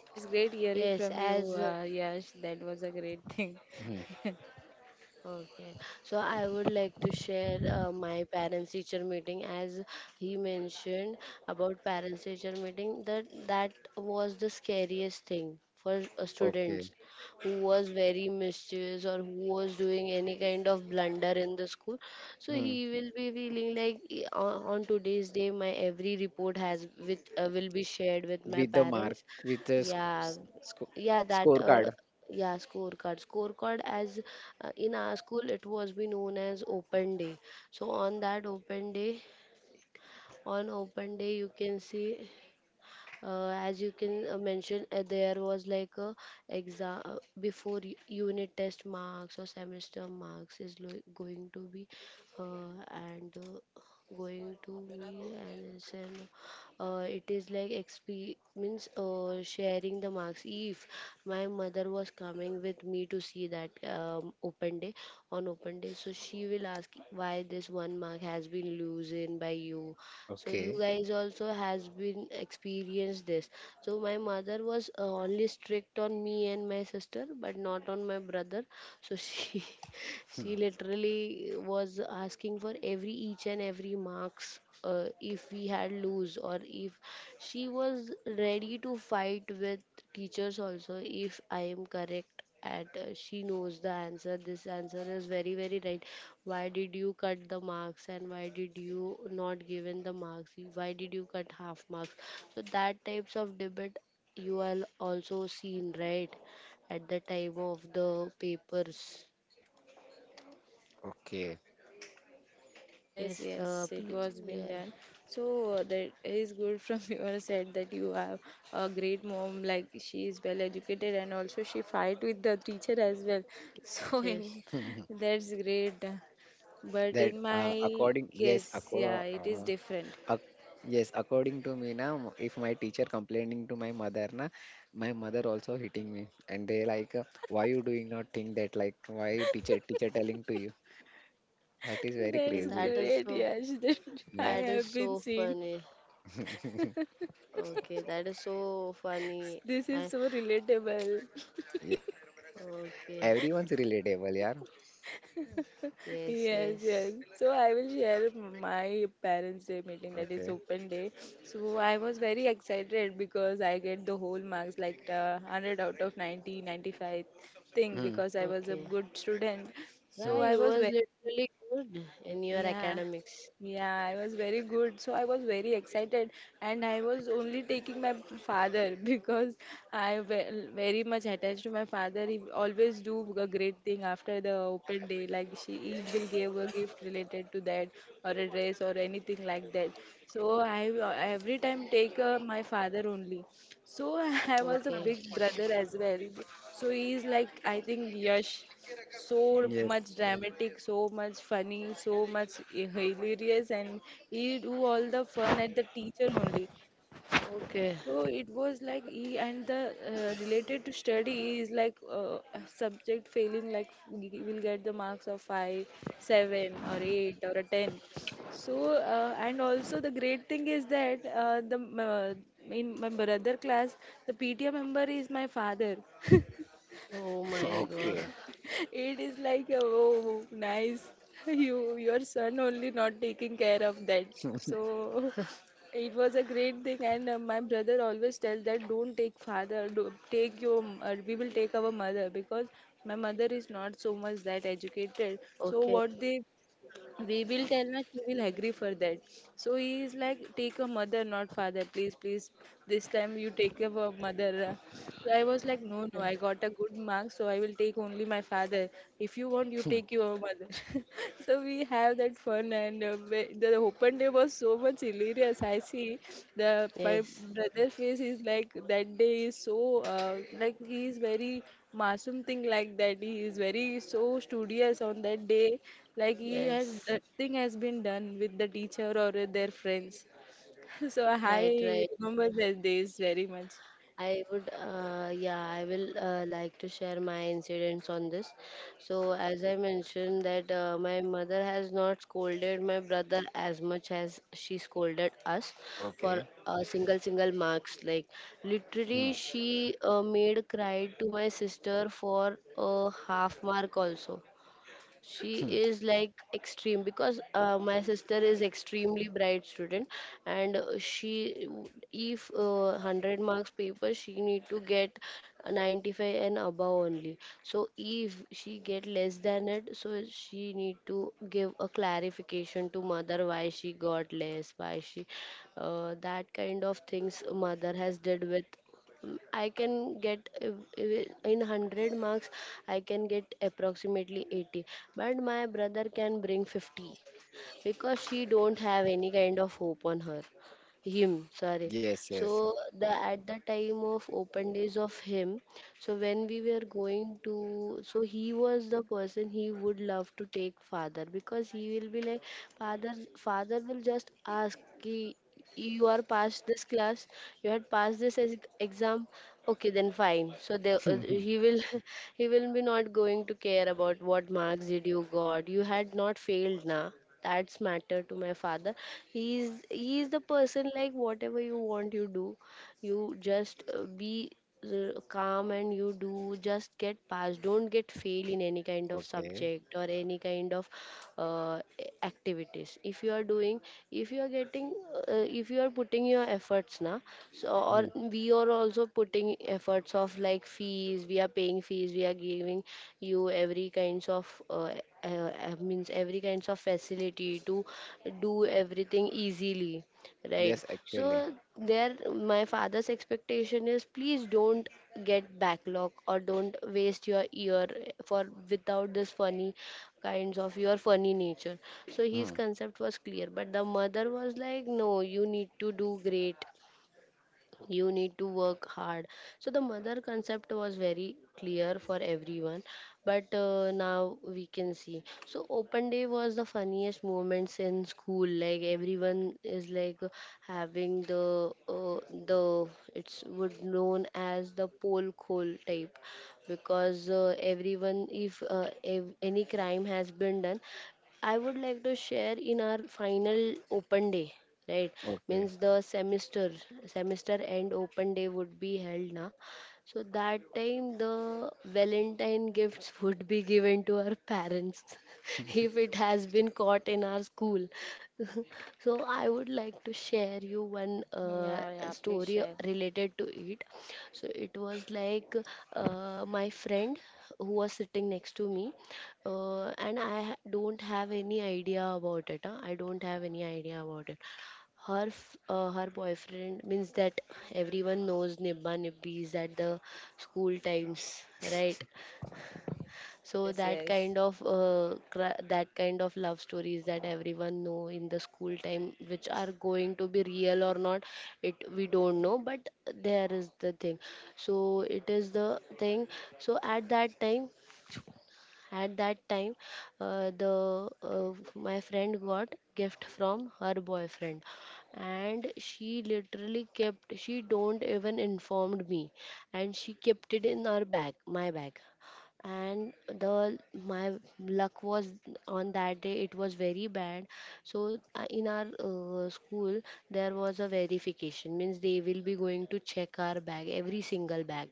[SPEAKER 3] That's great
[SPEAKER 1] yes.
[SPEAKER 3] hearing from
[SPEAKER 1] As
[SPEAKER 3] you, Yash. That was a great thing.
[SPEAKER 2] Hmm.
[SPEAKER 1] Okay, so I would like to share my parents teacher meeting, as he mentioned about parents teacher meeting, that that was the scariest thing for
[SPEAKER 2] Okay.
[SPEAKER 1] students who was very mischievous, or who was doing any kind of blunder in the school. So
[SPEAKER 2] Hmm.
[SPEAKER 1] he will be feeling like, "On today's day my every report has with, will be shared with my
[SPEAKER 2] With the mark,
[SPEAKER 1] parents."
[SPEAKER 2] with the
[SPEAKER 1] Yeah,
[SPEAKER 2] sc-
[SPEAKER 1] yeah, that
[SPEAKER 2] scorecard.
[SPEAKER 1] yeah, scorecard as, in our school it was be known as open day. So on that open day, you can see, as you can mention, there was like a exam before unit test marks or semester marks is going to be, and going to be, and it's an, it is like exp means sharing the marks, if my mother was coming with me to see that open day. So she will ask, why this one mark has been losing by you? So you
[SPEAKER 2] Okay.
[SPEAKER 1] guys also has been experienced this. So my mother was only strict on me and my sister, but not on my brother. So she
[SPEAKER 2] Hmm.
[SPEAKER 1] she literally was asking for every each and every marks, if we had lose or if, she was ready to fight with teachers also, if I am correct. And she knows the answer. This answer is very very right. Why did you cut the marks, and why did you not given the marks? Why did you cut half marks? So that types of debate, you are also seen, right, at the time of the papers.
[SPEAKER 2] Okay.
[SPEAKER 3] Yes,
[SPEAKER 1] Yes.
[SPEAKER 3] yes, it was been
[SPEAKER 1] Yeah.
[SPEAKER 3] done. So that is good from your side that you have a great mom. Like she is well educated and also she fight with the teacher as well. So in
[SPEAKER 1] Yes.
[SPEAKER 2] Hmm, hmm.
[SPEAKER 3] that's great. But
[SPEAKER 2] That
[SPEAKER 3] in my
[SPEAKER 2] according, yes,
[SPEAKER 3] case, yeah, it is different.
[SPEAKER 2] ac- yes, according to me now, if my teacher complaining to my mother na, my mother also hitting me, and they like, why you doing not think that like why you teacher teacher telling to you? That is very
[SPEAKER 1] Okay.
[SPEAKER 3] That's
[SPEAKER 1] That
[SPEAKER 2] crazy.
[SPEAKER 1] is
[SPEAKER 3] great,
[SPEAKER 1] so.
[SPEAKER 3] Yash, that I
[SPEAKER 2] Yeah,
[SPEAKER 1] That is
[SPEAKER 3] have been
[SPEAKER 1] so
[SPEAKER 3] seen.
[SPEAKER 1] funny. Okay, that is so funny.
[SPEAKER 3] This is
[SPEAKER 1] I,
[SPEAKER 3] so relatable.
[SPEAKER 2] yeah.
[SPEAKER 1] okay,
[SPEAKER 2] Everyone's relatable, yeah.
[SPEAKER 1] yes,
[SPEAKER 3] Yes, yes.
[SPEAKER 1] yes.
[SPEAKER 3] So I will share my parents' day meeting, that is
[SPEAKER 2] Okay.
[SPEAKER 3] open day. So I was very excited because I get the whole marks, like the 100 out of 90 95 thing,
[SPEAKER 2] Hmm.
[SPEAKER 3] because I was a
[SPEAKER 1] Okay.
[SPEAKER 3] good student. So
[SPEAKER 1] Yeah,
[SPEAKER 2] Hmm.
[SPEAKER 3] I
[SPEAKER 1] you
[SPEAKER 3] was
[SPEAKER 1] was
[SPEAKER 3] very,
[SPEAKER 1] literally good in your
[SPEAKER 3] yeah.
[SPEAKER 1] academics.
[SPEAKER 3] Yeah, I was very good. So I was very excited, and I was only taking my father because I very much attached to my father. He always do a great thing after the open day. Like, she he will give a gift related to that or a dress or anything like that. So I every time take, my father only. So I was a
[SPEAKER 1] Okay.
[SPEAKER 3] big brother as well. So he is like, I think Yash so much
[SPEAKER 2] Yes.
[SPEAKER 3] dramatic, so much funny, so much hilarious, and he do all the fun at the teacher only.
[SPEAKER 1] Okay.
[SPEAKER 3] So it was like he, and the, related to study, is like, a subject failing like we will get the marks of five, seven, or eight, or a ten. So and also the great thing is that, the in my brother class, the PTA member is my father.
[SPEAKER 1] Oh my God.
[SPEAKER 2] Okay.
[SPEAKER 3] It is like, oh, nice. Your son only not taking care of that. So it was a great thing. And my brother always tells that, don't take father, do, take your, we will take our mother, because my mother is not so much that educated. So
[SPEAKER 1] Okay.
[SPEAKER 3] what they we will tell her, she will agree for that. So he is like, take a mother, not father. Please, please, this time you take a mother. So I was like, no, no, I got a good mark, so I will take only my father. If you want, you
[SPEAKER 2] Hmm.
[SPEAKER 3] take your mother. So we have that fun, and the open day was so much hilarious. I see the my
[SPEAKER 1] Yes.
[SPEAKER 3] brother's face is like that day is so, like he is very masum thing, like that he is very so studious on that day, like he has
[SPEAKER 1] Yes.
[SPEAKER 3] that thing has been done with the teacher or with their friends. So I
[SPEAKER 1] Right, right.
[SPEAKER 3] remember those days very much.
[SPEAKER 1] I will like to share my incidents on this. So, as I mentioned, that my mother has not scolded my brother as much as she scolded us for
[SPEAKER 2] Okay.
[SPEAKER 1] single single marks. Like, literally,
[SPEAKER 2] Hmm.
[SPEAKER 1] she made cry to my sister for a half mark also. She
[SPEAKER 2] Hmm.
[SPEAKER 1] is like extreme because my sister is extremely bright student, and she if 100 marks paper she need to get 95 and above only. So if she get less than it, so she need to give a clarification to mother why she got less, why she that kind of things mother has did with. I can get in 100 marks, I can get approximately 80, but my brother can bring 50 because she don't have any kind of hope on her, him sorry.
[SPEAKER 2] Yes, yes.
[SPEAKER 1] So the at the time of open days of him, so when we were going to, so he was the person, he would love to take father because he will be like, father father will just ask, "Ki, you are past this class, you had passed this exam, okay then fine." So they, he will he will be not going to care about what marks did you got, you had not failed na. That's matter to my father. He is the person like whatever you want you do, you just be calm and you do just get past, don't get fail in any kind of
[SPEAKER 2] Okay.
[SPEAKER 1] subject or any kind of uh, activities if you are doing, if you are getting uh, if you are putting your efforts now. So or
[SPEAKER 2] Hmm.
[SPEAKER 1] we are also putting efforts of like fees, we are paying fees, we are giving you every kinds of means every kinds of facility to do everything easily, right?
[SPEAKER 2] Yes, actually.
[SPEAKER 1] So there, my father's expectation is please don't get backlog or don't waste your year for without this funny kinds of your funny nature. So his
[SPEAKER 2] Hmm.
[SPEAKER 1] concept was clear, but the mother was like, no, you need to do great, you need to work hard. So the mother concept was very clear for everyone. But now we can see, so open day was the funniest moments in school, like everyone is like having the it's would known as the pole call type because everyone if any crime has been done. I would like to share in our final open day, right?
[SPEAKER 2] Okay.
[SPEAKER 1] Means the semester, semester end open day would be held now. So that time the Valentine gifts would be given to our parents if it has been caught in our school. So I would like to share you one
[SPEAKER 3] Yeah, yeah, please
[SPEAKER 1] story
[SPEAKER 3] share.
[SPEAKER 1] related to it. So it was like my friend who was sitting next to me. And I don't have any idea about it. Huh? I don't have any idea about it. Her boyfriend means that everyone knows Nibba Nibbis at the school times, right? So
[SPEAKER 3] Yes,
[SPEAKER 1] that
[SPEAKER 3] yes.
[SPEAKER 1] kind of that kind of love stories that everyone know in the school time, which are going to be real or not, it we don't know. But there is the thing. So it is the thing. So at that time the my friend got gift from her boyfriend, and she literally kept, she don't even informed me, and she kept it in her bag, my bag. And the my luck was on that day, it was very bad. So in our school, there was a verification, means they will be going to check our bag, every single bag,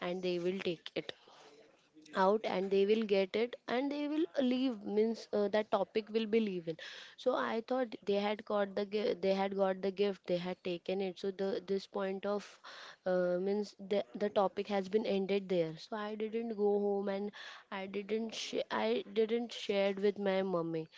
[SPEAKER 1] and they will take it out and they will get it and they will leave, means that topic will be leaving. So I thought they had they had got the gift, they had taken it, so the this point of means the topic has been ended there. So I didn't go home and I didn't shared with my mummy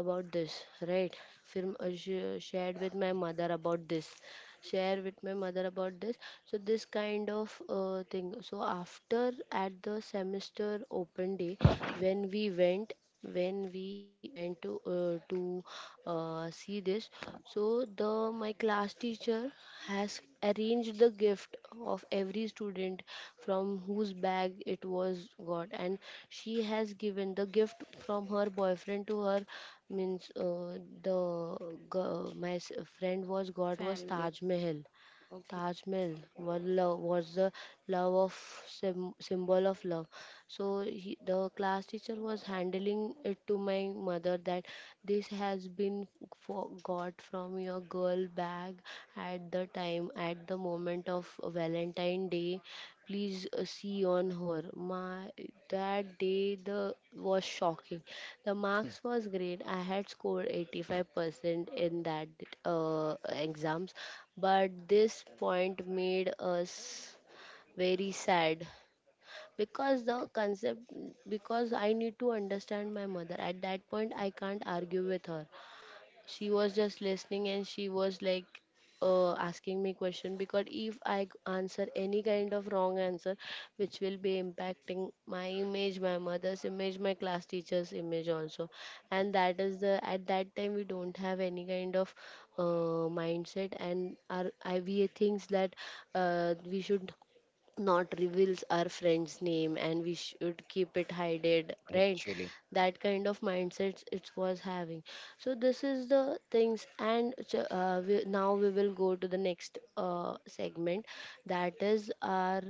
[SPEAKER 1] about this, right? Film shared with my mother about this, share with my mother about this. So this kind of thing. So after at the semester open day, when we went, when we went to see this. So the my class teacher has arranged the gift of every student from whose bag it was got, and she has given the gift from her boyfriend to her. Means the my friend was got was
[SPEAKER 3] Family.
[SPEAKER 1] Taj Mahal.
[SPEAKER 3] Okay.
[SPEAKER 1] Taj Mahal was love, was the love of symbol of love. So he, the class teacher was handling it to my mother that this has been for, got from your girl bag at the time, at the moment of Valentine Day. Please see on her. My that day the was shocking. The marks was great. I had scored 85% in that exams, but this point made us very sad because the concept, because I need to understand my mother. At that point I can't argue with her. She was just listening and she was like asking me question, because if answer any kind of wrong answer, which will be impacting my image, my mother's image, my class teacher's image also. And that is the at that time we don't have any kind of mindset, and our I we thinks that we should not reveals our friend's name and we should keep it hidden, right?
[SPEAKER 2] Actually.
[SPEAKER 1] That kind of mindset it was having. So this is the things. And so, we, now we will go to the next segment, that is our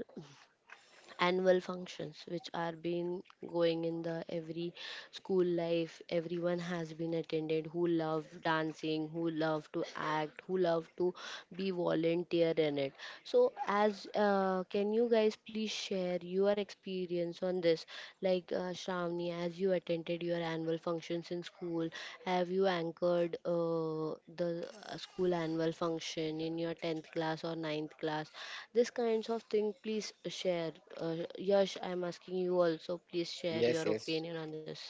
[SPEAKER 1] annual functions, which are been going in the every school life. Everyone has been attended, who love dancing, who love to act, who love to be volunteer in it. So as can you guys please share your experience on this, like Shravani, as you attended your annual functions in school, have you anchored the school annual function in your 10th class or ninth class, this kinds of thing please share. Yash, I'm asking you also, please share
[SPEAKER 2] Yes,
[SPEAKER 1] your
[SPEAKER 2] yes.
[SPEAKER 1] opinion on this.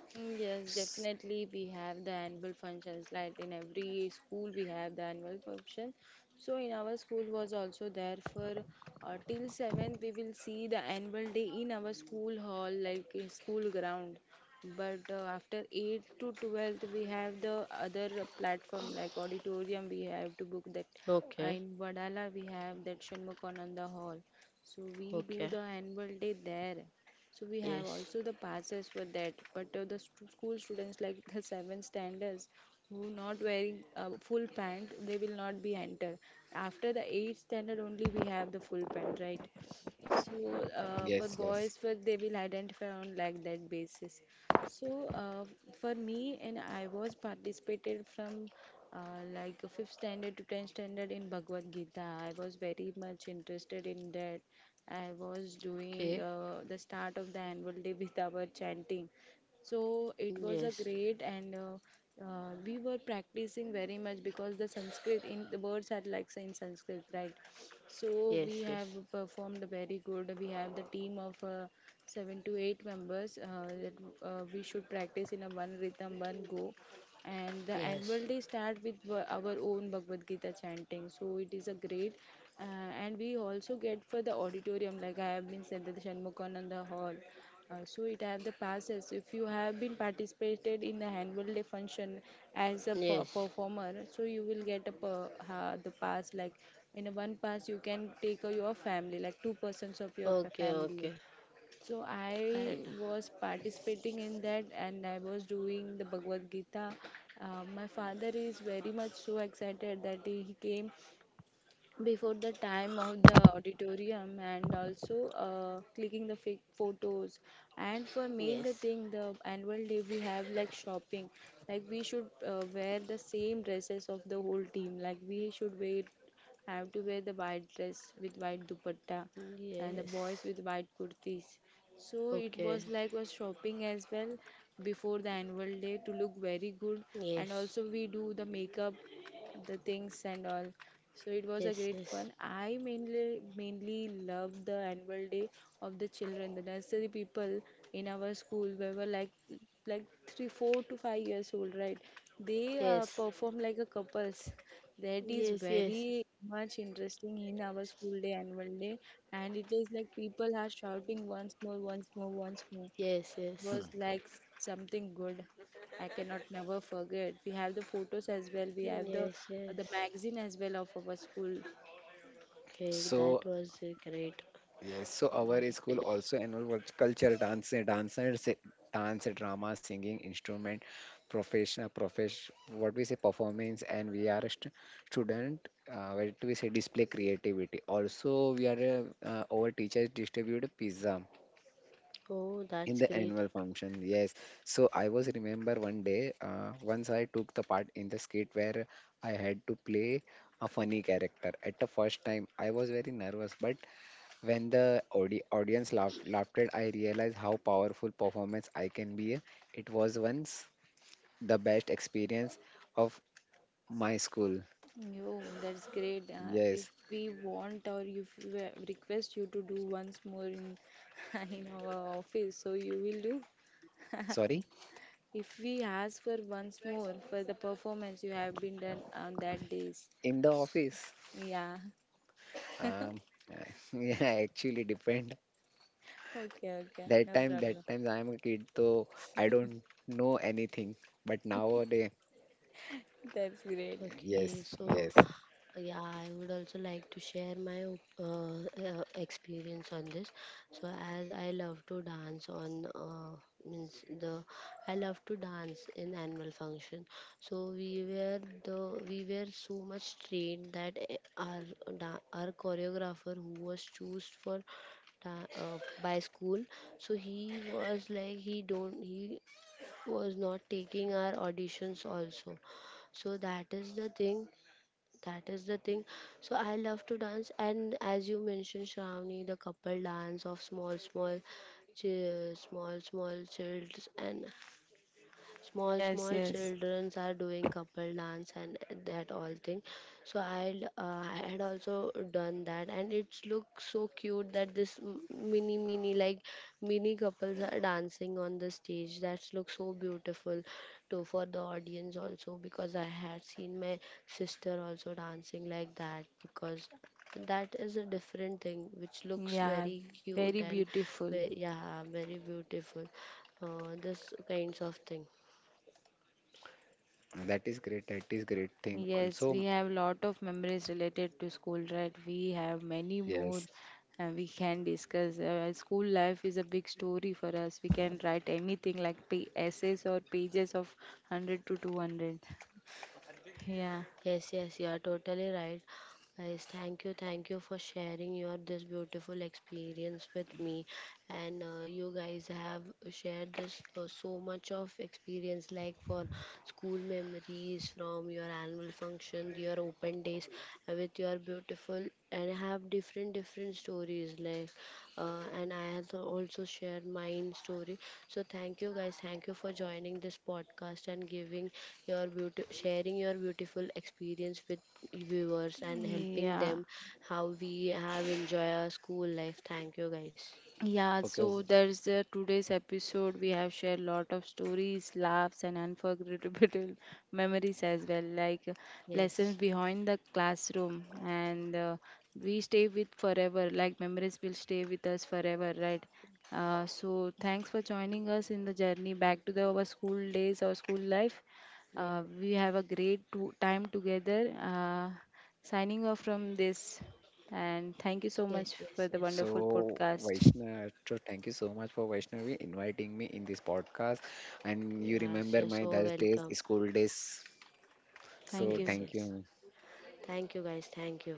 [SPEAKER 3] Mm, yes, definitely we have the annual functions. Like in every school, we have the annual function. So in our school was also there for, till seventh. We will see the annual day in our school hall, like in school ground. But after eighth to 12th, we have the other platform like auditorium. We have to book that.
[SPEAKER 1] Okay,
[SPEAKER 3] In Vadala, we have that Shanmukananda Hall. So we do
[SPEAKER 1] okay.
[SPEAKER 3] the annual day there, so we have
[SPEAKER 1] Yes.
[SPEAKER 3] also the passes for that, but school students, like the seventh standards, who not wearing full pant, they will not be entered. After the eighth standard only we have the full pant, right? So for
[SPEAKER 2] Yes, yes.
[SPEAKER 3] boys, for they will identify on like that basis. So for me, and I was participated from, like fifth standard to tenth standard in Bhagavad Gita. I was very much interested in that. I was doing
[SPEAKER 1] Okay.
[SPEAKER 3] the start of the annual day with our chanting. So it was a
[SPEAKER 1] Yes,
[SPEAKER 3] great, and we were practicing very much because the Sanskrit in the words are like in Sanskrit, right? So we
[SPEAKER 1] yes.
[SPEAKER 3] have
[SPEAKER 1] Yes,
[SPEAKER 3] performed very good. We have the team of seven to eight members, that, we should practice in a one rhythm, one go. And the annual
[SPEAKER 1] yes.
[SPEAKER 3] day start with our own Bhagavad Gita chanting. So it is a great, uh, and we also get for the auditorium. Like I have been said, that the Shanmukananda Hall. So it have the passes. If you have been participated in the handball day function as a per-
[SPEAKER 1] Yes.
[SPEAKER 3] performer, so you will get the pass. Like in a one pass, you can take your family, like two persons of your
[SPEAKER 1] Okay,
[SPEAKER 3] family.
[SPEAKER 1] okay.
[SPEAKER 3] So I
[SPEAKER 1] That
[SPEAKER 3] was participating in that, and I was doing the Bhagavad Gita. My father is very much so excited that he came before the time of the auditorium, and also clicking the fake photos. And for me, the
[SPEAKER 1] yes.
[SPEAKER 3] thing, the annual day we have like shopping, like we should wear the same dresses of the whole team, like we should wear have to wear the white dress with white dupatta and the
[SPEAKER 1] Yes.
[SPEAKER 3] boys with white kurtis. So it
[SPEAKER 1] Okay.
[SPEAKER 3] was like was shopping as well before the annual day to look very good, and
[SPEAKER 1] Yes.
[SPEAKER 3] also we do the makeup, the things and all. So it was a
[SPEAKER 1] Yes,
[SPEAKER 3] great
[SPEAKER 1] yes.
[SPEAKER 3] fun. I mainly love the annual day of the children. The nursery people in our school we were like three, 4 to 5 years old, right? They
[SPEAKER 1] Yes.
[SPEAKER 3] perform like a couples. That is
[SPEAKER 1] Yes, yes.
[SPEAKER 3] very much interesting in our school day annual day, and it is like people are shouting, once more, once more, once more,
[SPEAKER 1] Yes, yes.
[SPEAKER 2] Hmm.
[SPEAKER 3] was like something good. I cannot never forget. We have the photos as well. We have the
[SPEAKER 1] Yes,
[SPEAKER 3] the
[SPEAKER 1] yes.
[SPEAKER 3] magazine as well of our school.
[SPEAKER 1] Okay, that
[SPEAKER 2] So
[SPEAKER 1] was great.
[SPEAKER 2] yes, so
[SPEAKER 3] Yeah.
[SPEAKER 2] our school also involved culture, dance, dance, and dance, drama, singing, instrument, what we say performance, and we are a student. What we say display creativity. Also, we are our teachers distribute pizza
[SPEAKER 1] Oh,
[SPEAKER 2] in
[SPEAKER 1] that's
[SPEAKER 2] the
[SPEAKER 1] great.
[SPEAKER 2] annual function. Yes, so I was remember one day. Once I took the part in the skit where I had to play a funny character. At the first time, I was very nervous, but when the audience at, I realized how powerful performance I can be. It was once the best experience of my school.
[SPEAKER 3] Yo, that's great. If
[SPEAKER 2] Yes,
[SPEAKER 3] we want, or if we request you to do once more in in our office, so you will do.
[SPEAKER 2] sorry,
[SPEAKER 3] If we ask for once more for the performance you have been done on that days.
[SPEAKER 2] in the office.
[SPEAKER 3] Yeah.
[SPEAKER 2] Um, yeah, actually depend.
[SPEAKER 3] Okay, okay. No
[SPEAKER 2] That
[SPEAKER 3] problem.
[SPEAKER 2] time I am a kid, so I don't know anything. But nowadays,
[SPEAKER 3] That's great.
[SPEAKER 2] yes,
[SPEAKER 1] Okay, so
[SPEAKER 2] yes,
[SPEAKER 1] yeah, I would also like to share my experience on this. So, as I love to dance on means the I love to dance in annual function. So we were so much trained that eh, our our choreographer who was chosen for by school. So he was like he don't, he was not taking our auditions also. So that is the thing. So I love to dance, and as you mentioned Shravani, the couple dance of small small small small childs, and small
[SPEAKER 3] Yes,
[SPEAKER 1] small
[SPEAKER 3] yes.
[SPEAKER 1] childrens are doing couple dance and that all thing. So I had also done that, and it looks so cute that this mini mini, like mini couples are dancing on the stage, that looks so beautiful to for the audience also, because I had seen my sister also dancing like that, because that is a different thing which looks
[SPEAKER 3] Yeah,
[SPEAKER 1] very cute
[SPEAKER 3] very
[SPEAKER 1] and
[SPEAKER 3] beautiful.
[SPEAKER 1] very, yeah very beautiful, this kinds of thing.
[SPEAKER 2] that is great. That is great thing.
[SPEAKER 3] Yes, we
[SPEAKER 2] Also,
[SPEAKER 3] have lot of memories related to school, right? We have many
[SPEAKER 2] yes.
[SPEAKER 3] more, we can discuss. School life is a big story for us. We can write anything like essays or pages of 100 to 200. Yeah,
[SPEAKER 1] Yes, yes, you are totally right. Guys, thank you for sharing your this beautiful experience with me. And you guys have shared this so much of experience like for school memories, from your annual function, your open days, with your beautiful and have different different stories like, and I have also shared mine story. So thank you guys, thank you for joining this podcast and giving your beauty, sharing your beautiful experience with viewers and helping
[SPEAKER 3] yeah.
[SPEAKER 1] them how we have enjoy our school life. Thank you guys.
[SPEAKER 3] Yeah,
[SPEAKER 2] Okay.
[SPEAKER 3] so there's today's episode. We have shared lot of stories, laughs, and unforgettable memories as well, like
[SPEAKER 1] Yes,
[SPEAKER 3] lessons behind the classroom, and we stay with forever. Like memories will stay with us forever, right? So thanks for joining us in the journey back to the our school days, our school life.
[SPEAKER 1] yes,
[SPEAKER 3] We have a great time together. Signing off from this, and thank you so
[SPEAKER 1] yes,
[SPEAKER 3] much
[SPEAKER 1] yes,
[SPEAKER 3] for the
[SPEAKER 1] yes.
[SPEAKER 3] wonderful
[SPEAKER 2] So,
[SPEAKER 3] podcast.
[SPEAKER 2] Vaishnav, so thank you so much for Vaishnavi inviting me in this podcast. And you
[SPEAKER 1] Yes,
[SPEAKER 2] remember
[SPEAKER 1] you're so
[SPEAKER 2] my those days,
[SPEAKER 1] welcome.
[SPEAKER 2] school days.
[SPEAKER 3] Thank
[SPEAKER 2] So,
[SPEAKER 1] Yes,
[SPEAKER 3] you.
[SPEAKER 2] thank
[SPEAKER 1] yes.
[SPEAKER 2] you.
[SPEAKER 1] Thank you, guys. Thank you.